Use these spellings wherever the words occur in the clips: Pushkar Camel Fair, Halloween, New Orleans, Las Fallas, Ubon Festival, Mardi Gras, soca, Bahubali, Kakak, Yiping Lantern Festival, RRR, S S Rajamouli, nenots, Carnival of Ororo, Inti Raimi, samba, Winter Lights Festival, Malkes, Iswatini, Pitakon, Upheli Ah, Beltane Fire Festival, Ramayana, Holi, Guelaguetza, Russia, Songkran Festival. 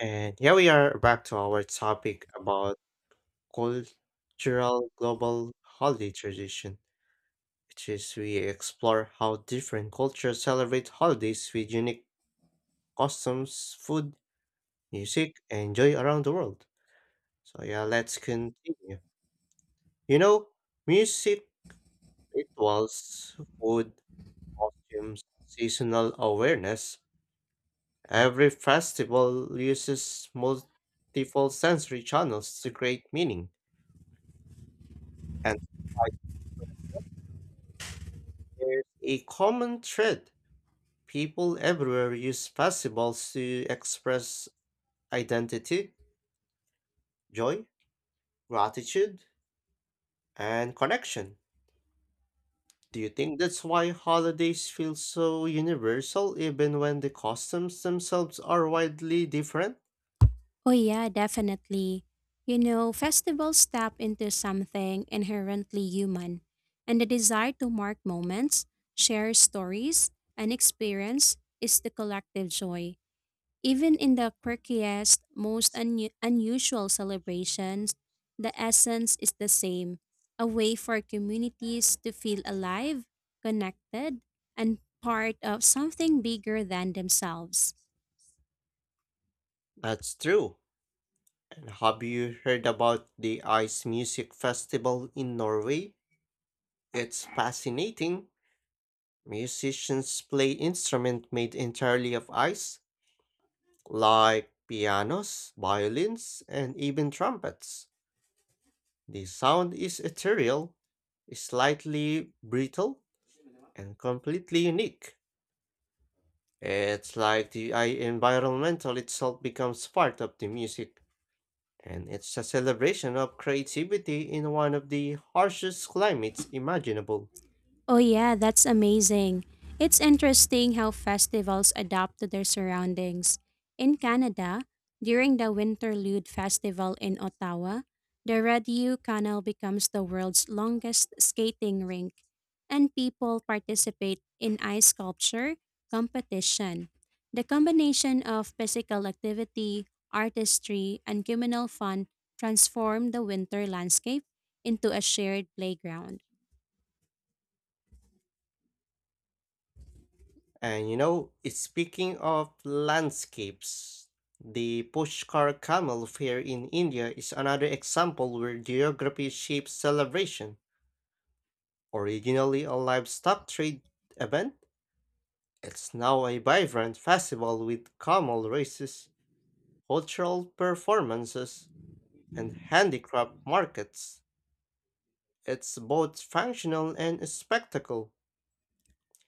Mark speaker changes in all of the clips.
Speaker 1: And here we are back to our topic about cultural global holiday tradition, which is we explore how different cultures celebrate holidays with unique customs, food, music, and joy around the world. So yeah, let's continue. You know, music, rituals, food, costumes, seasonal awareness. Every festival uses multiple sensory channels to create meaning and there's a common thread. People everywhere use festivals to express identity, joy, gratitude, and connection. Do you think that's why holidays feel so universal even when the customs themselves are widely different?
Speaker 2: Oh, yeah, definitely. You know, festivals tap into something inherently human, and the desire to mark moments, share stories, and experience is the collective joy. Even in the quirkiest, most unusual celebrations, the essence is the same, a way for communities to feel alive, connected, and part of something bigger than themselves.
Speaker 1: That's true. And have you heard about the Ice Music Festival in Norway? It's fascinating. Musicians play instruments made entirely of ice, like pianos, violins, and even trumpets. The sound is ethereal, slightly brittle, and completely unique. It's like the I environmental itself becomes part of the music, and it's a celebration of creativity in one of the harshest climates imaginable.
Speaker 2: Oh, yeah, that's amazing. It's interesting how festivals adapt to their surroundings. In Canada, during the Winterlude Festival in Ottawa, the Rideau Canal becomes the world's longest skating rink, and people participate in ice sculpture competition. The combination of physical activity, artistry, and communal fun transform the winter landscape into a shared playground.
Speaker 1: It's speaking of landscapes, the Pushkar Camel Fair in India is another example where geography shapes celebration. Originally a livestock trade event, it's now a vibrant festival with camel races, cultural performances, and handicraft markets. It's both functional and a spectacle,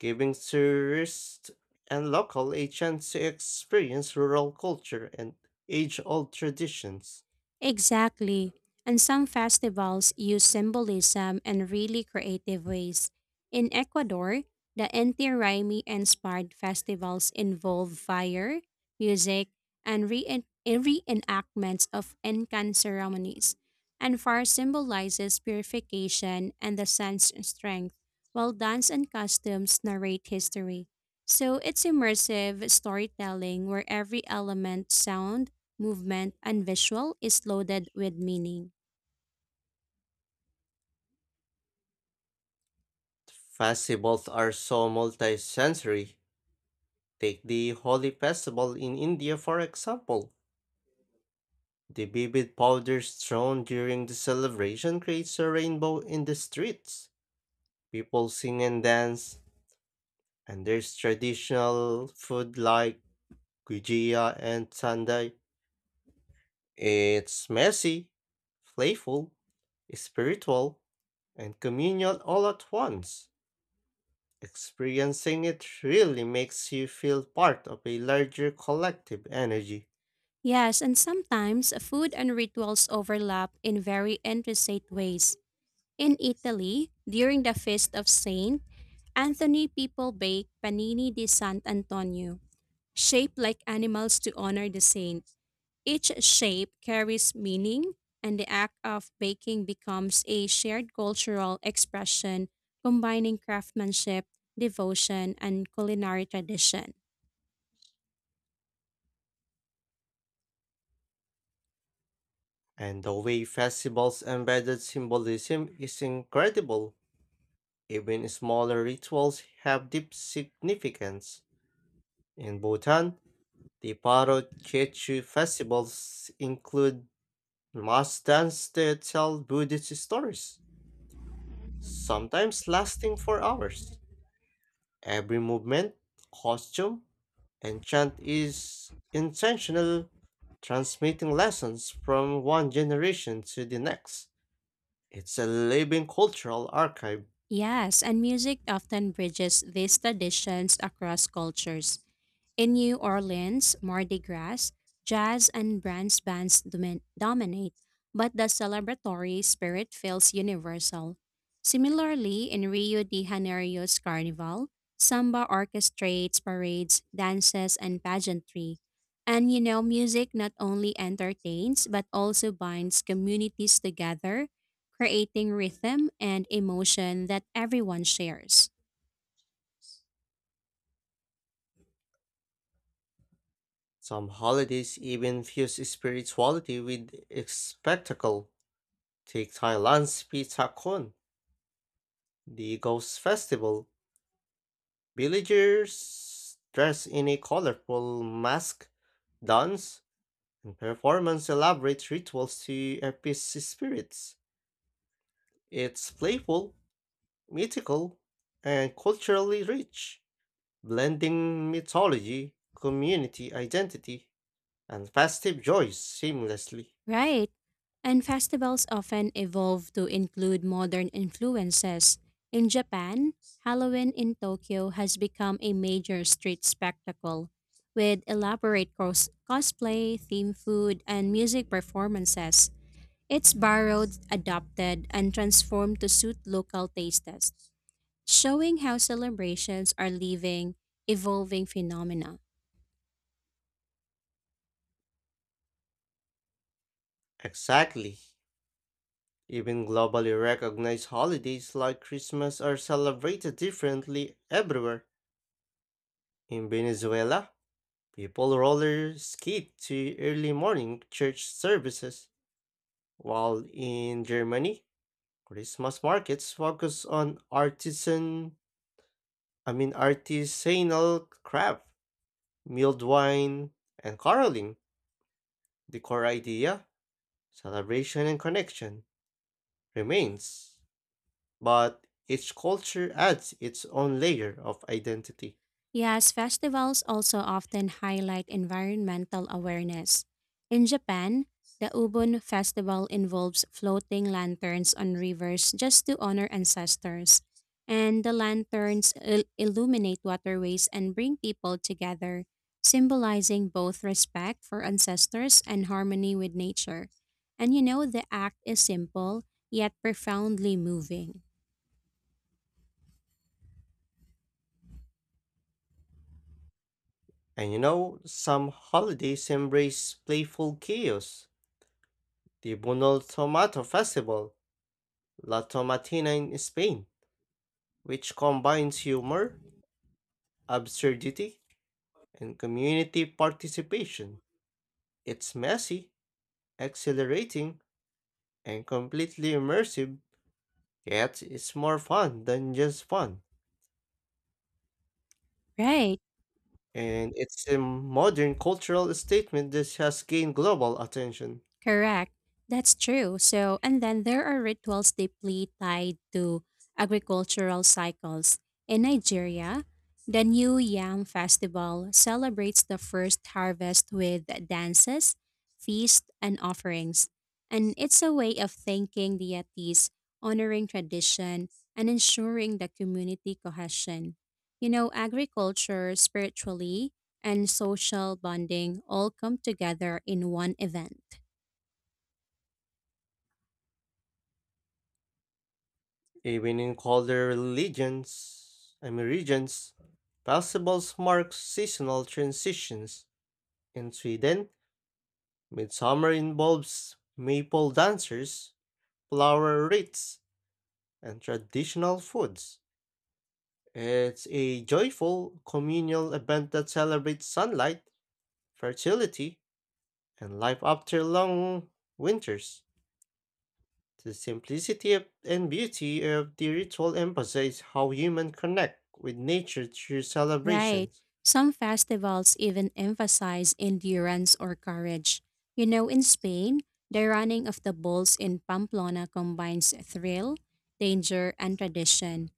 Speaker 1: giving tourists and local a chance to experience rural culture and age-old traditions.
Speaker 2: Exactly. And some festivals use symbolism in really creative ways. In Ecuador, the Inti Raimi inspired festivals involve fire, music, and reenactments of Incan ceremonies. And fire symbolizes purification and the sun's strength, while dance and costumes narrate history. So it's immersive storytelling where every element, sound, movement, and visual, is loaded with meaning.
Speaker 1: Festivals are so multi-sensory. Take the Holi festival in India for example. The vivid powders thrown during the celebration creates a rainbow in the streets. People sing and dance, and there's traditional food like gujia and sandai. It's messy, playful, spiritual, and communal all at once. Experiencing it really makes you feel part of a larger collective energy.
Speaker 2: Yes, and sometimes food and rituals overlap in very intricate ways. In Italy, during the feast of Saint Anthony, people bake panini di Sant'Antonio, shaped like animals to honor the saint. Each shape carries meaning, and the act of baking becomes a shared cultural expression combining craftsmanship, devotion, and culinary tradition.
Speaker 1: And the way festivals embedded symbolism is incredible. Even smaller rituals have deep significance. In Bhutan, the Paro Chechu festivals include mass dance that tell Buddhist stories, sometimes lasting for hours. Every movement, costume, and chant is intentional, transmitting lessons from one generation to the next. It's a living cultural archive.
Speaker 2: Yes, and music often bridges these traditions across cultures. In New Orleans, Mardi Gras, jazz and brass bands dominate, but the celebratory spirit feels universal. Similarly, in Rio de Janeiro's carnival, samba orchestrates parades, dances, and pageantry. And you know, music not only entertains but also binds communities together, creating rhythm and emotion that everyone shares.
Speaker 1: Some holidays even fuse spirituality with a spectacle. Take Thailand's Pitakon, the Ghost Festival. Villagers dress in a colorful mask, dance. The performance elaborates rituals to appease spirits. It's playful, mythical, and culturally rich, blending mythology, community identity, and festive joys seamlessly.
Speaker 2: Right. And festivals often evolve to include modern influences. In Japan, Halloween in Tokyo has become a major street spectacle, with elaborate cosplay, theme food, and music performances. It's borrowed, adopted, and transformed to suit local tastes, showing how celebrations are living, evolving phenomena.
Speaker 1: Exactly. Even globally recognized holidays like Christmas are celebrated differently everywhere. In Venezuela, people roller skate to early morning church services, while in Germany, Christmas markets focus on artisanal craft, milled wine, and caroling. The core idea, celebration and connection, remains, but each culture adds its own layer of identity.
Speaker 2: Yes, festivals also often highlight environmental awareness. In Japan, the Ubon Festival involves floating lanterns on rivers just to honor ancestors. And the lanterns illuminate waterways and bring people together, symbolizing both respect for ancestors and harmony with nature. And you know, the act is simple, yet profoundly moving.
Speaker 1: Some holidays embrace playful chaos. The Bunol Tomato Festival, La Tomatina in Spain, which combines humor, absurdity, and community participation. It's messy, exhilarating, and completely immersive, yet it's more fun than just fun.
Speaker 2: Right.
Speaker 1: And it's a modern cultural statement that has gained global attention.
Speaker 2: Correct. That's true. So, and then there are rituals deeply tied to agricultural cycles. In Nigeria, the New Yam Festival celebrates the first harvest with dances, feasts, and offerings. And it's a way of thanking deities, honoring tradition, and ensuring the community cohesion. You know, agriculture, spiritually, and social bonding all come together in one event.
Speaker 1: Even in colder religions, I mean regions, festivals mark seasonal transitions. In Sweden, midsummer involves maple dancers, flower wreaths, and traditional foods. It's a joyful communal event that celebrates sunlight, fertility, and life after long winters. The simplicity of- and beauty of the ritual emphasize how humans connect with nature through
Speaker 2: Right.
Speaker 1: celebrations.
Speaker 2: Some festivals even emphasize endurance or courage. You know, in Spain, the running of the bulls in Pamplona combines thrill, danger, and tradition.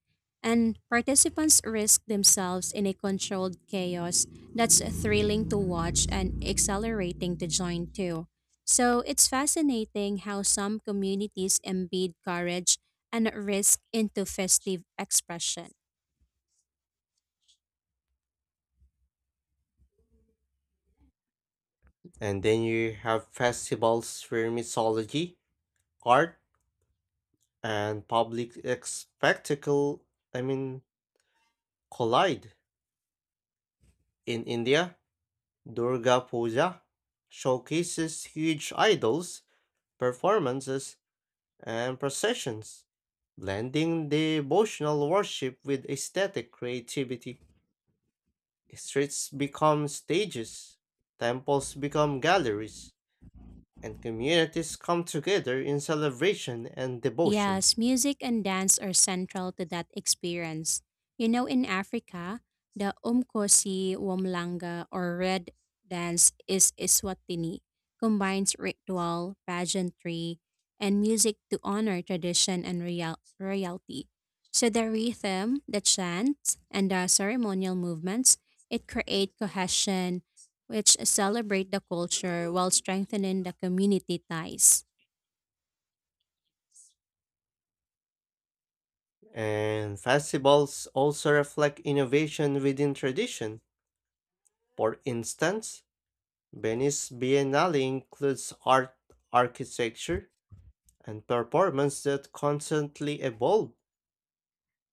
Speaker 2: And participants risk themselves in a controlled chaos that's thrilling to watch and exhilarating to join too. So it's fascinating how some communities embed courage and risk into festive expression.
Speaker 1: And then you have festivals where mythology, art, and public ex- spectacle, I mean, collide. In India, Durga Puja showcases huge idols, performances, and processions, blending devotional worship with aesthetic creativity. Streets become stages, temples become galleries, and communities come together in celebration and devotion.
Speaker 2: Yes, music and dance are central to that experience. You know, in Africa, the Umkosi, Womlanga, or Red dance is Iswatini, combines ritual, pageantry, and music to honor tradition and royalty. So the rhythm, the chants, and the ceremonial movements, it create cohesion, which celebrate the culture while strengthening the community ties.
Speaker 1: And festivals also reflect innovation within tradition. For instance, Venice Biennale includes art, architecture, and performance that constantly evolve.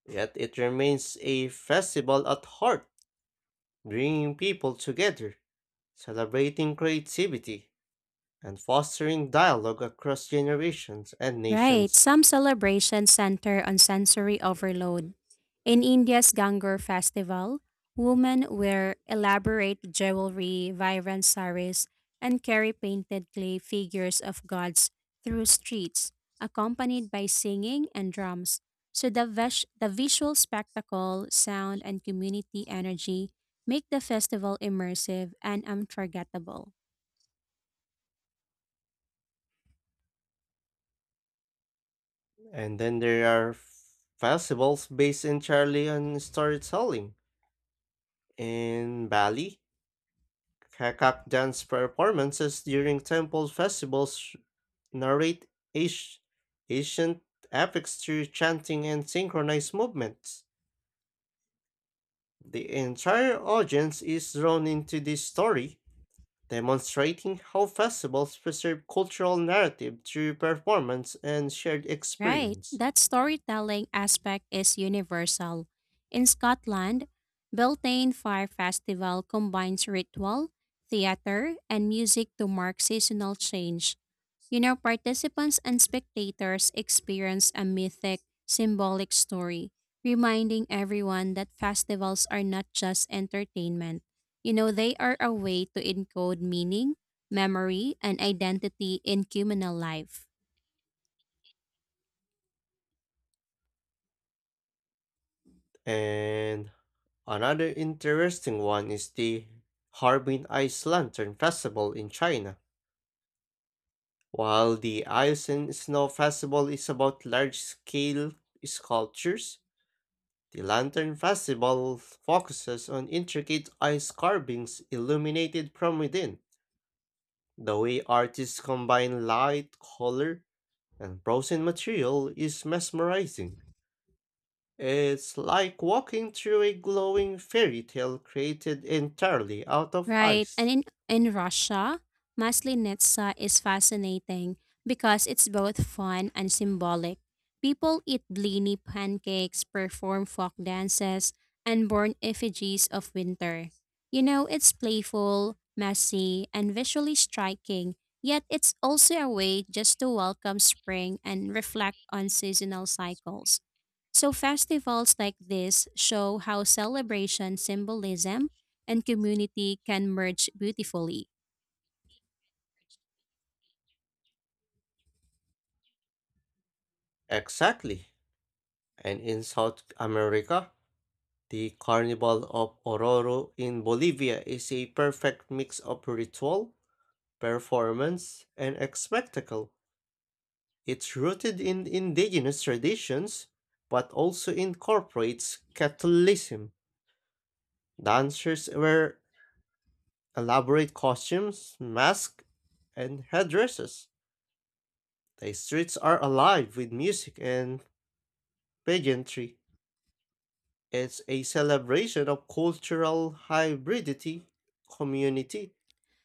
Speaker 1: Yet it remains a festival at heart, bringing people together, celebrating creativity, and fostering dialogue across generations and
Speaker 2: Right,
Speaker 1: nations.
Speaker 2: some celebrations center on sensory overload. In India's Gangur festival, women wear elaborate jewelry, vibrant saris, and carry painted clay figures of gods through streets, accompanied by singing and drums. So the, the visual spectacle, sound, and community energy make the festival immersive and unforgettable.
Speaker 1: And then there are festivals based entirely on storytelling. In Bali, Kakak dance performances during temple festivals narrate ash- ancient epics through chanting and synchronized movements. The entire audience is drawn into this story, demonstrating how festivals preserve cultural narrative through performance and shared
Speaker 2: Right,
Speaker 1: experience.
Speaker 2: that storytelling aspect is universal. In Scotland, Beltane Fire Festival combines ritual, theater, and music to mark seasonal change. You know, participants and spectators experience a mythic, symbolic story, reminding everyone that festivals are not just entertainment. You know, they are a way to encode meaning, memory, and identity in communal life.
Speaker 1: And another interesting one is the Harbin Ice Lantern Festival in China. While the Ice and Snow Festival is about large scale sculptures, the Lantern Festival focuses on intricate ice carvings illuminated from within. The way artists combine light, color, and frozen material is mesmerizing. It's like walking through a glowing fairy tale created entirely out of
Speaker 2: Right. And
Speaker 1: ice.
Speaker 2: in Russia, Maslenitsa is fascinating because it's both fun and symbolic. People eat blini pancakes, perform folk dances, and burn effigies of winter. You know, it's playful, messy, and visually striking, yet it's also a way just to welcome spring and reflect on seasonal cycles. So, festivals like this show how celebration symbolism and community can merge beautifully.
Speaker 1: Exactly. And in South America, the Carnival of Ororo in Bolivia is a perfect mix of ritual, performance, and spectacle. It's rooted in indigenous traditions, but also incorporates Catholicism. Dancers wear elaborate costumes, masks, and headdresses. The streets are alive with music and pageantry. It's a celebration of cultural hybridity, community,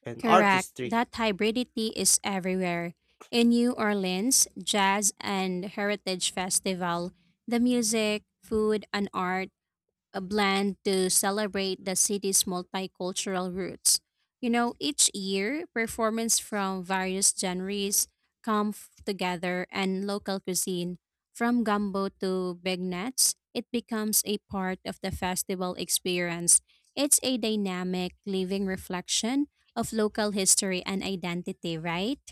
Speaker 1: and
Speaker 2: Correct,
Speaker 1: artistry.
Speaker 2: that hybridity is everywhere. In New Orleans, jazz and heritage festival, the music, food, and art a blend to celebrate the city's multicultural roots. You know, each year, performance from various genres come together and local cuisine, from gumbo to beignets, it becomes a part of the festival experience. It's a dynamic, living reflection of local history and identity, right?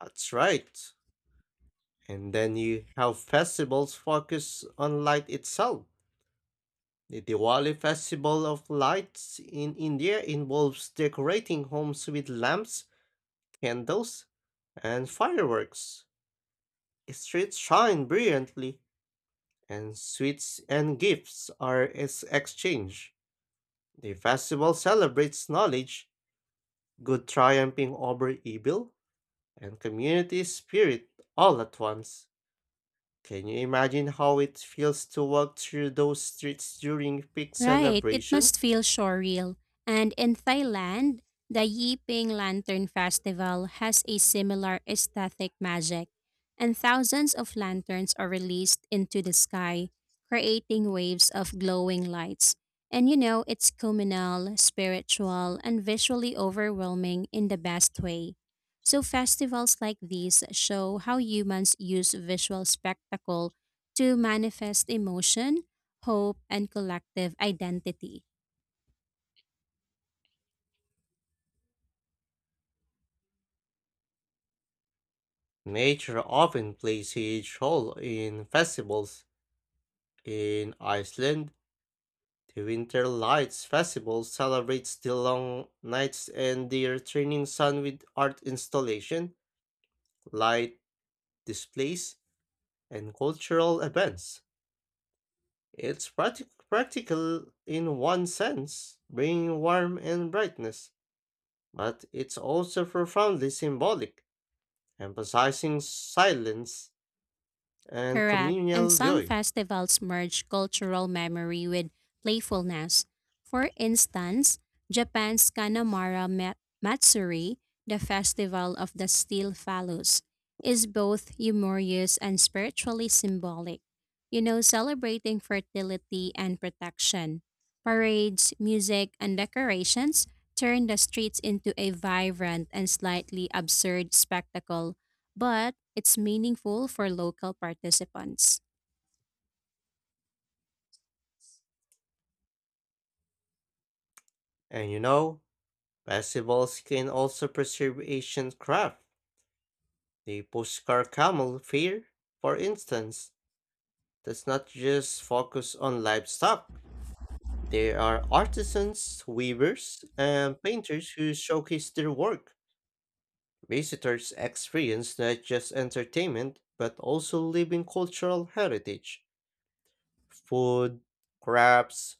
Speaker 1: That's right. And then you have festivals focused on light itself. The Diwali festival of lights in India involves decorating homes with lamps, candles, and fireworks. Streets shine brilliantly, and sweets and gifts are exchanged. The festival celebrates knowledge, good triumphing over evil, and community spirit all at once. Can you imagine how it feels to walk through those streets during peak
Speaker 2: Right, it
Speaker 1: celebration?
Speaker 2: must feel surreal. And in Thailand, the Yiping Lantern Festival has a similar aesthetic magic, and thousands of lanterns are released into the sky, creating waves of glowing lights. And you know, it's communal, spiritual, and visually overwhelming in the best way. So, festivals like these show how humans use visual spectacle to manifest emotion, hope, and collective identity.
Speaker 1: Nature often plays a huge role in festivals. In Iceland, the Winter Lights Festival celebrates the long nights and the returning sun with art installation, light displays, and cultural events. It's practical in one sense, bringing warmth and brightness, but it's also profoundly symbolic, emphasizing silence and
Speaker 2: Correct. And
Speaker 1: communal
Speaker 2: some
Speaker 1: joy.
Speaker 2: festivals merge cultural memory with playfulness. For instance, Japan's Kanamara Matsuri, the festival of the steel phallus, is both humorous and spiritually symbolic. You know, celebrating fertility and protection. Parades, music, and decorations turn the streets into a vibrant and slightly absurd spectacle, but it's meaningful for local participants.
Speaker 1: And you know, festivals can also preserve ancient craft. The Pushkar Camel Fair, for instance, does not just focus on livestock. There are artisans, weavers, and painters who showcase their work. Visitors experience not just entertainment, but also living cultural heritage. Food, crafts,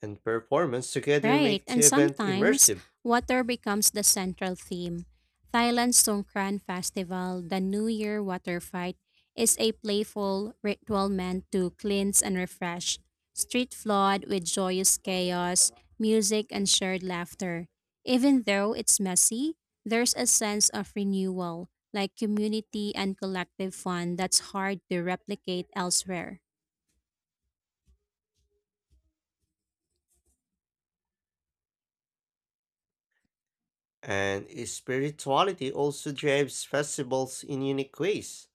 Speaker 1: and performance together
Speaker 2: Right,
Speaker 1: make the
Speaker 2: and
Speaker 1: event
Speaker 2: sometimes
Speaker 1: immersive,
Speaker 2: water becomes the central theme. Thailand's Songkran Festival, the New Year water fight, is a playful ritual meant to cleanse and refresh. Street flawed with joyous chaos, music, and shared laughter. Even though it's messy, there's a sense of renewal, like community and collective fun that's hard to replicate elsewhere.
Speaker 1: and spirituality also drives festivals in unique ways.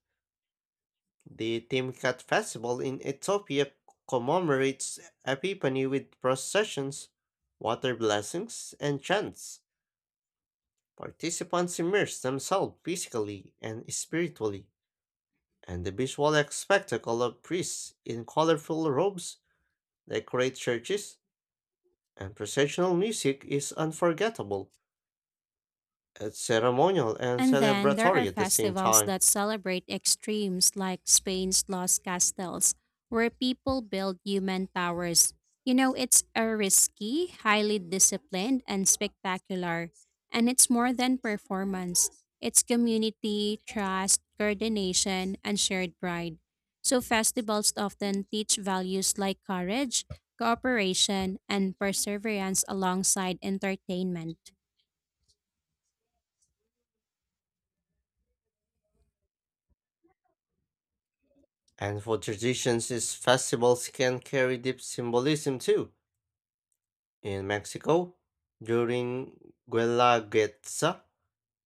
Speaker 1: The Timkat festival in Ethiopia commemorates Epiphany with processions, water blessings, and chants. Participants immerse themselves physically and spiritually, and the visual spectacle of priests in colorful robes, decorate churches, and processional music is unforgettable. It's ceremonial and
Speaker 2: And then there are
Speaker 1: celebratory at the same
Speaker 2: festivals
Speaker 1: time.
Speaker 2: that celebrate extremes like Spain's Lost Castles, where people build human towers. You know, it's a risky, highly disciplined, and spectacular. And it's more than performance. It's community, trust, coordination, and shared pride. So festivals often teach values like courage, cooperation, and perseverance alongside entertainment.
Speaker 1: And for traditions, these festivals can carry deep symbolism too. In Mexico, during Guelaguetza,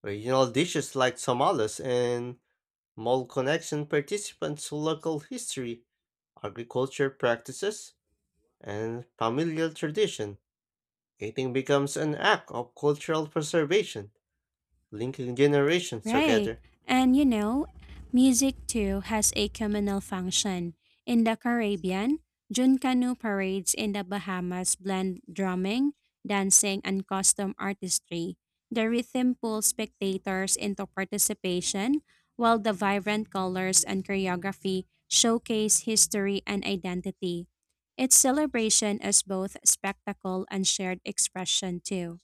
Speaker 1: regional dishes like tamales and mole connection participants to local history, agriculture practices, and familial tradition. Eating becomes an act of cultural preservation, linking generations
Speaker 2: Right.
Speaker 1: together.
Speaker 2: And you know, music too has a communal function. In the Caribbean, Junkanoo parades in the Bahamas blend drumming, dancing, and custom artistry. The rhythm pulls spectators into participation, while the vibrant colors and choreography showcase history and identity. It's celebration as both spectacle and shared expression too.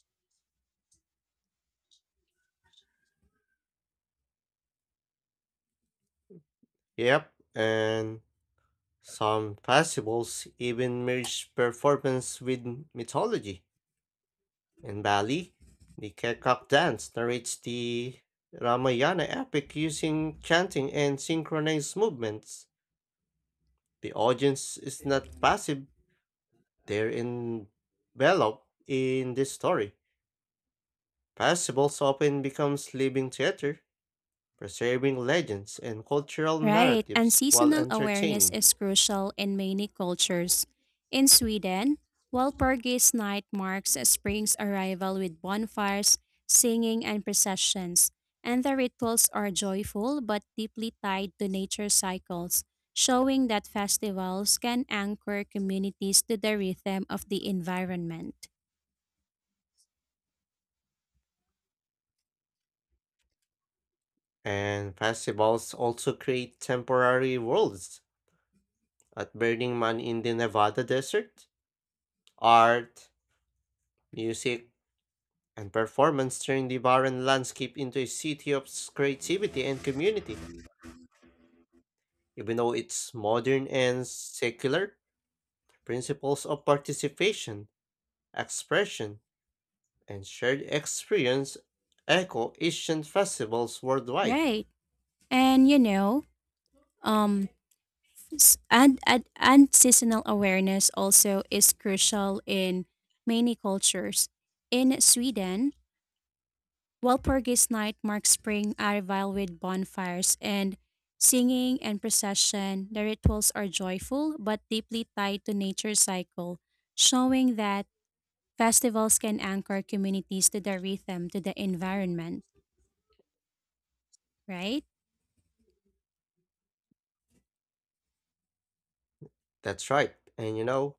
Speaker 1: Yep, and some festivals even merge performance with mythology. In Bali, the Kekak dance narrates the Ramayana epic using chanting and synchronized movements. The audience is not passive, they're enveloped in this story. Festivals often becomes living theater, preserving legends and cultural
Speaker 2: Right, and
Speaker 1: narratives while
Speaker 2: seasonal awareness
Speaker 1: entertaining.
Speaker 2: is crucial in many cultures. In Sweden, Walpurgis Night marks spring's arrival with bonfires, singing, and processions, and the rituals are joyful but deeply tied to nature cycles, showing that festivals can anchor communities to the rhythm of the environment.
Speaker 1: And festivals also create temporary worlds. At Burning Man in the Nevada desert, art, music, and performance turned the barren landscape into a city of creativity and community. Even though it's modern and secular, principles of participation, expression, and shared experience echo Asian festivals worldwide.
Speaker 2: Right, and you know, um, and seasonal awareness also is crucial in many cultures. In Sweden, Walpurgis Night marks spring arrival with bonfires and singing and procession. The rituals are joyful but deeply tied to nature's cycle, showing that festivals can anchor communities to the rhythm, to the environment, right?
Speaker 1: That's right, and you know,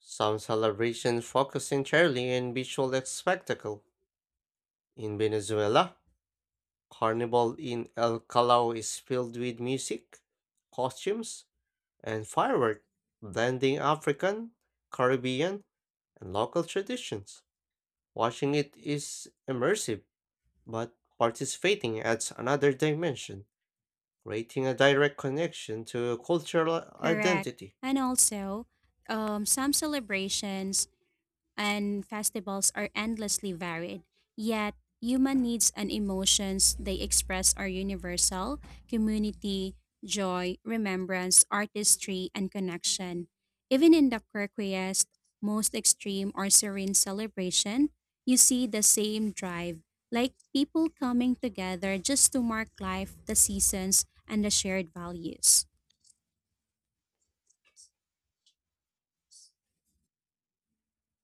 Speaker 1: some celebrations focus entirely on visual spectacle. In Venezuela, Carnival in El Callao is filled with music, costumes, and firework, blending African, Caribbean, and local traditions. Watching it is immersive, but participating adds another dimension, creating a direct connection to cultural
Speaker 2: Correct.
Speaker 1: identity.
Speaker 2: And also, some celebrations and festivals are endlessly varied. Yet, human needs and emotions they express are universal, community, joy, remembrance, artistry, and connection. Even in the quirkiest, most extreme, or serene celebration, you see the same drive, like people coming together just to mark life, the seasons, and the shared values.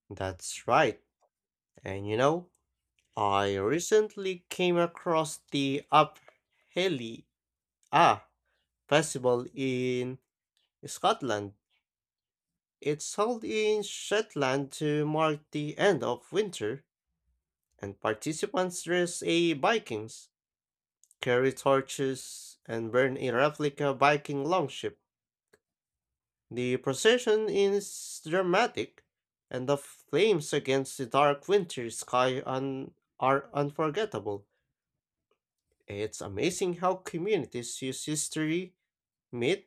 Speaker 1: That's right. And you know, I recently came across the Upheli Ah festival in Scotland. It's held in Shetland to mark the end of winter and participants dress as Vikings, carry torches, and burn a replica Viking longship. The procession is dramatic, and the flames against the dark winter sky are unforgettable. It's amazing how communities use history, myth,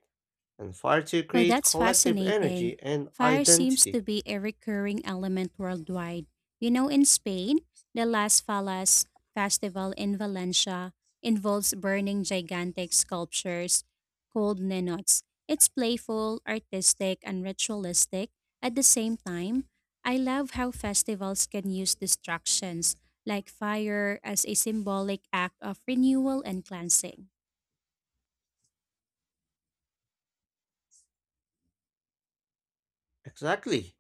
Speaker 1: and fire to
Speaker 2: Oh,
Speaker 1: create
Speaker 2: that's
Speaker 1: collective
Speaker 2: fascinating.
Speaker 1: energy and
Speaker 2: Fire seems to
Speaker 1: identity.
Speaker 2: be a recurring element worldwide. You know, in Spain, the Las Fallas festival in Valencia involves burning gigantic sculptures called nenots. It's playful, artistic, and ritualistic. At the same time, I love how festivals can use distractions like fire as a symbolic act of renewal and cleansing.
Speaker 1: Exactly.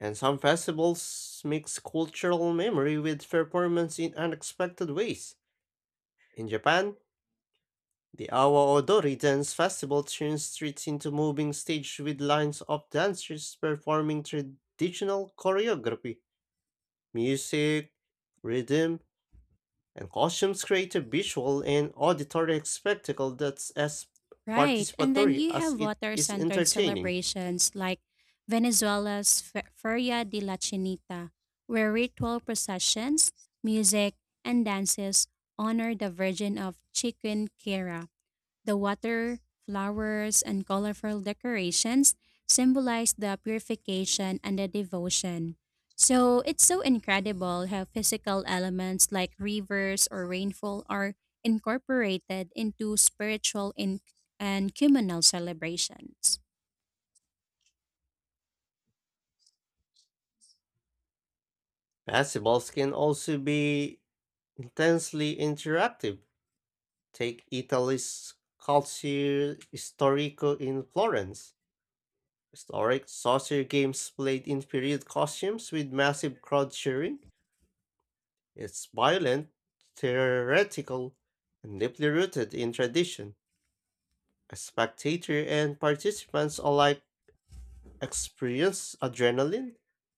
Speaker 1: And some festivals mix cultural memory with performance in unexpected ways. In Japan, the Awa Odori dance festival turns streets into moving stage with lines of dancers performing traditional choreography. Music, rhythm, and costumes create a visual and auditory spectacle that's as
Speaker 2: Right. And then
Speaker 1: participatory
Speaker 2: you
Speaker 1: as
Speaker 2: have
Speaker 1: it
Speaker 2: water
Speaker 1: is
Speaker 2: centered
Speaker 1: entertaining.
Speaker 2: celebrations like Venezuela's Feria de la Chinita, where ritual processions, music, and dances honor the Virgin of Chiquinquira. The water, flowers, and colorful decorations symbolize the purification and the devotion. So it's so incredible how physical elements like rivers or rainfall are incorporated into spiritual and communal celebrations.
Speaker 1: Festivals can also be intensely interactive. Take Italy's Calcio Storico in Florence. Historic saucer games played in period costumes with massive crowd cheering. It's violent, theoretical, and deeply rooted in tradition. A spectator and participants alike experience adrenaline,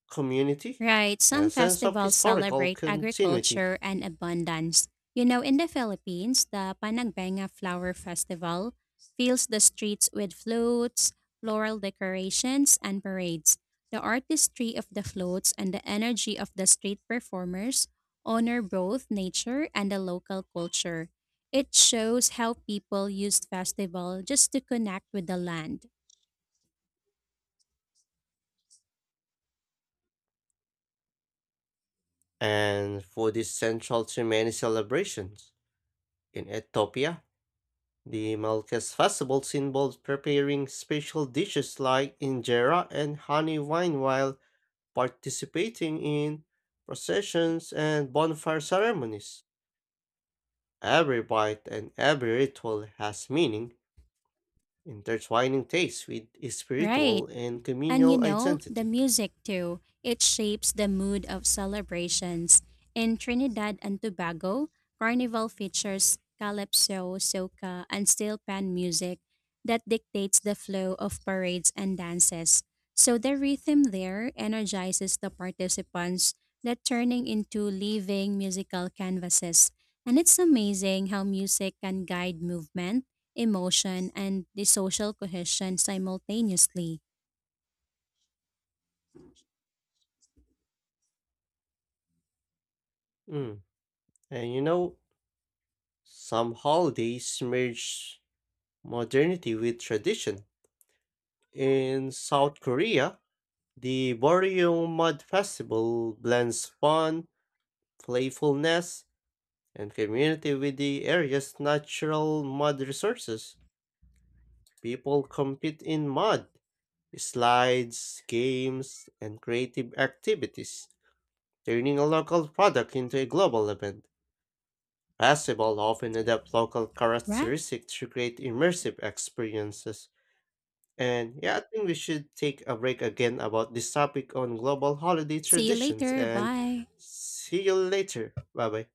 Speaker 1: community,
Speaker 2: Right,
Speaker 1: and a
Speaker 2: some
Speaker 1: sense of
Speaker 2: festivals
Speaker 1: historical
Speaker 2: celebrate
Speaker 1: continuity.
Speaker 2: agriculture and abundance. You know, in the Philippines, the Panagbenga Flower Festival fills the streets with floats, floral decorations, and parades. The artistry of the floats and the energy of the street performers honor both nature and the local culture. It shows how people used festival just to connect with the land.
Speaker 1: And food is central to many celebrations. In Ethiopia, the Malkes festivals involved preparing special dishes like injera and honey wine while participating in processions and bonfire ceremonies. Every bite and every ritual has meaning, intertwining taste with a
Speaker 2: Right.
Speaker 1: spiritual and
Speaker 2: And you
Speaker 1: communal
Speaker 2: know, the
Speaker 1: identity.
Speaker 2: music too, it shapes the mood of celebrations. In Trinidad and Tobago, Carnival features calypso, soca, and steel pan music that dictates the flow of parades and dances. So the rhythm there energizes the participants that turning into living musical canvases. And it's amazing how music can guide movement, emotion, and the social cohesion simultaneously.
Speaker 1: Mm. And you know, some holidays merge modernity with tradition. In South Korea, the Boryeong Mud Festival blends fun, playfulness, and community with the area's natural mud resources. People compete in mud, slides, games, and creative activities, turning a local product into a global event. Festival often adapt local
Speaker 2: Right.
Speaker 1: characteristics to create immersive experiences. And yeah, I think we should take a break again about this topic on global holiday
Speaker 2: See you
Speaker 1: traditions
Speaker 2: later.
Speaker 1: and
Speaker 2: Bye.
Speaker 1: see you later. Bye bye.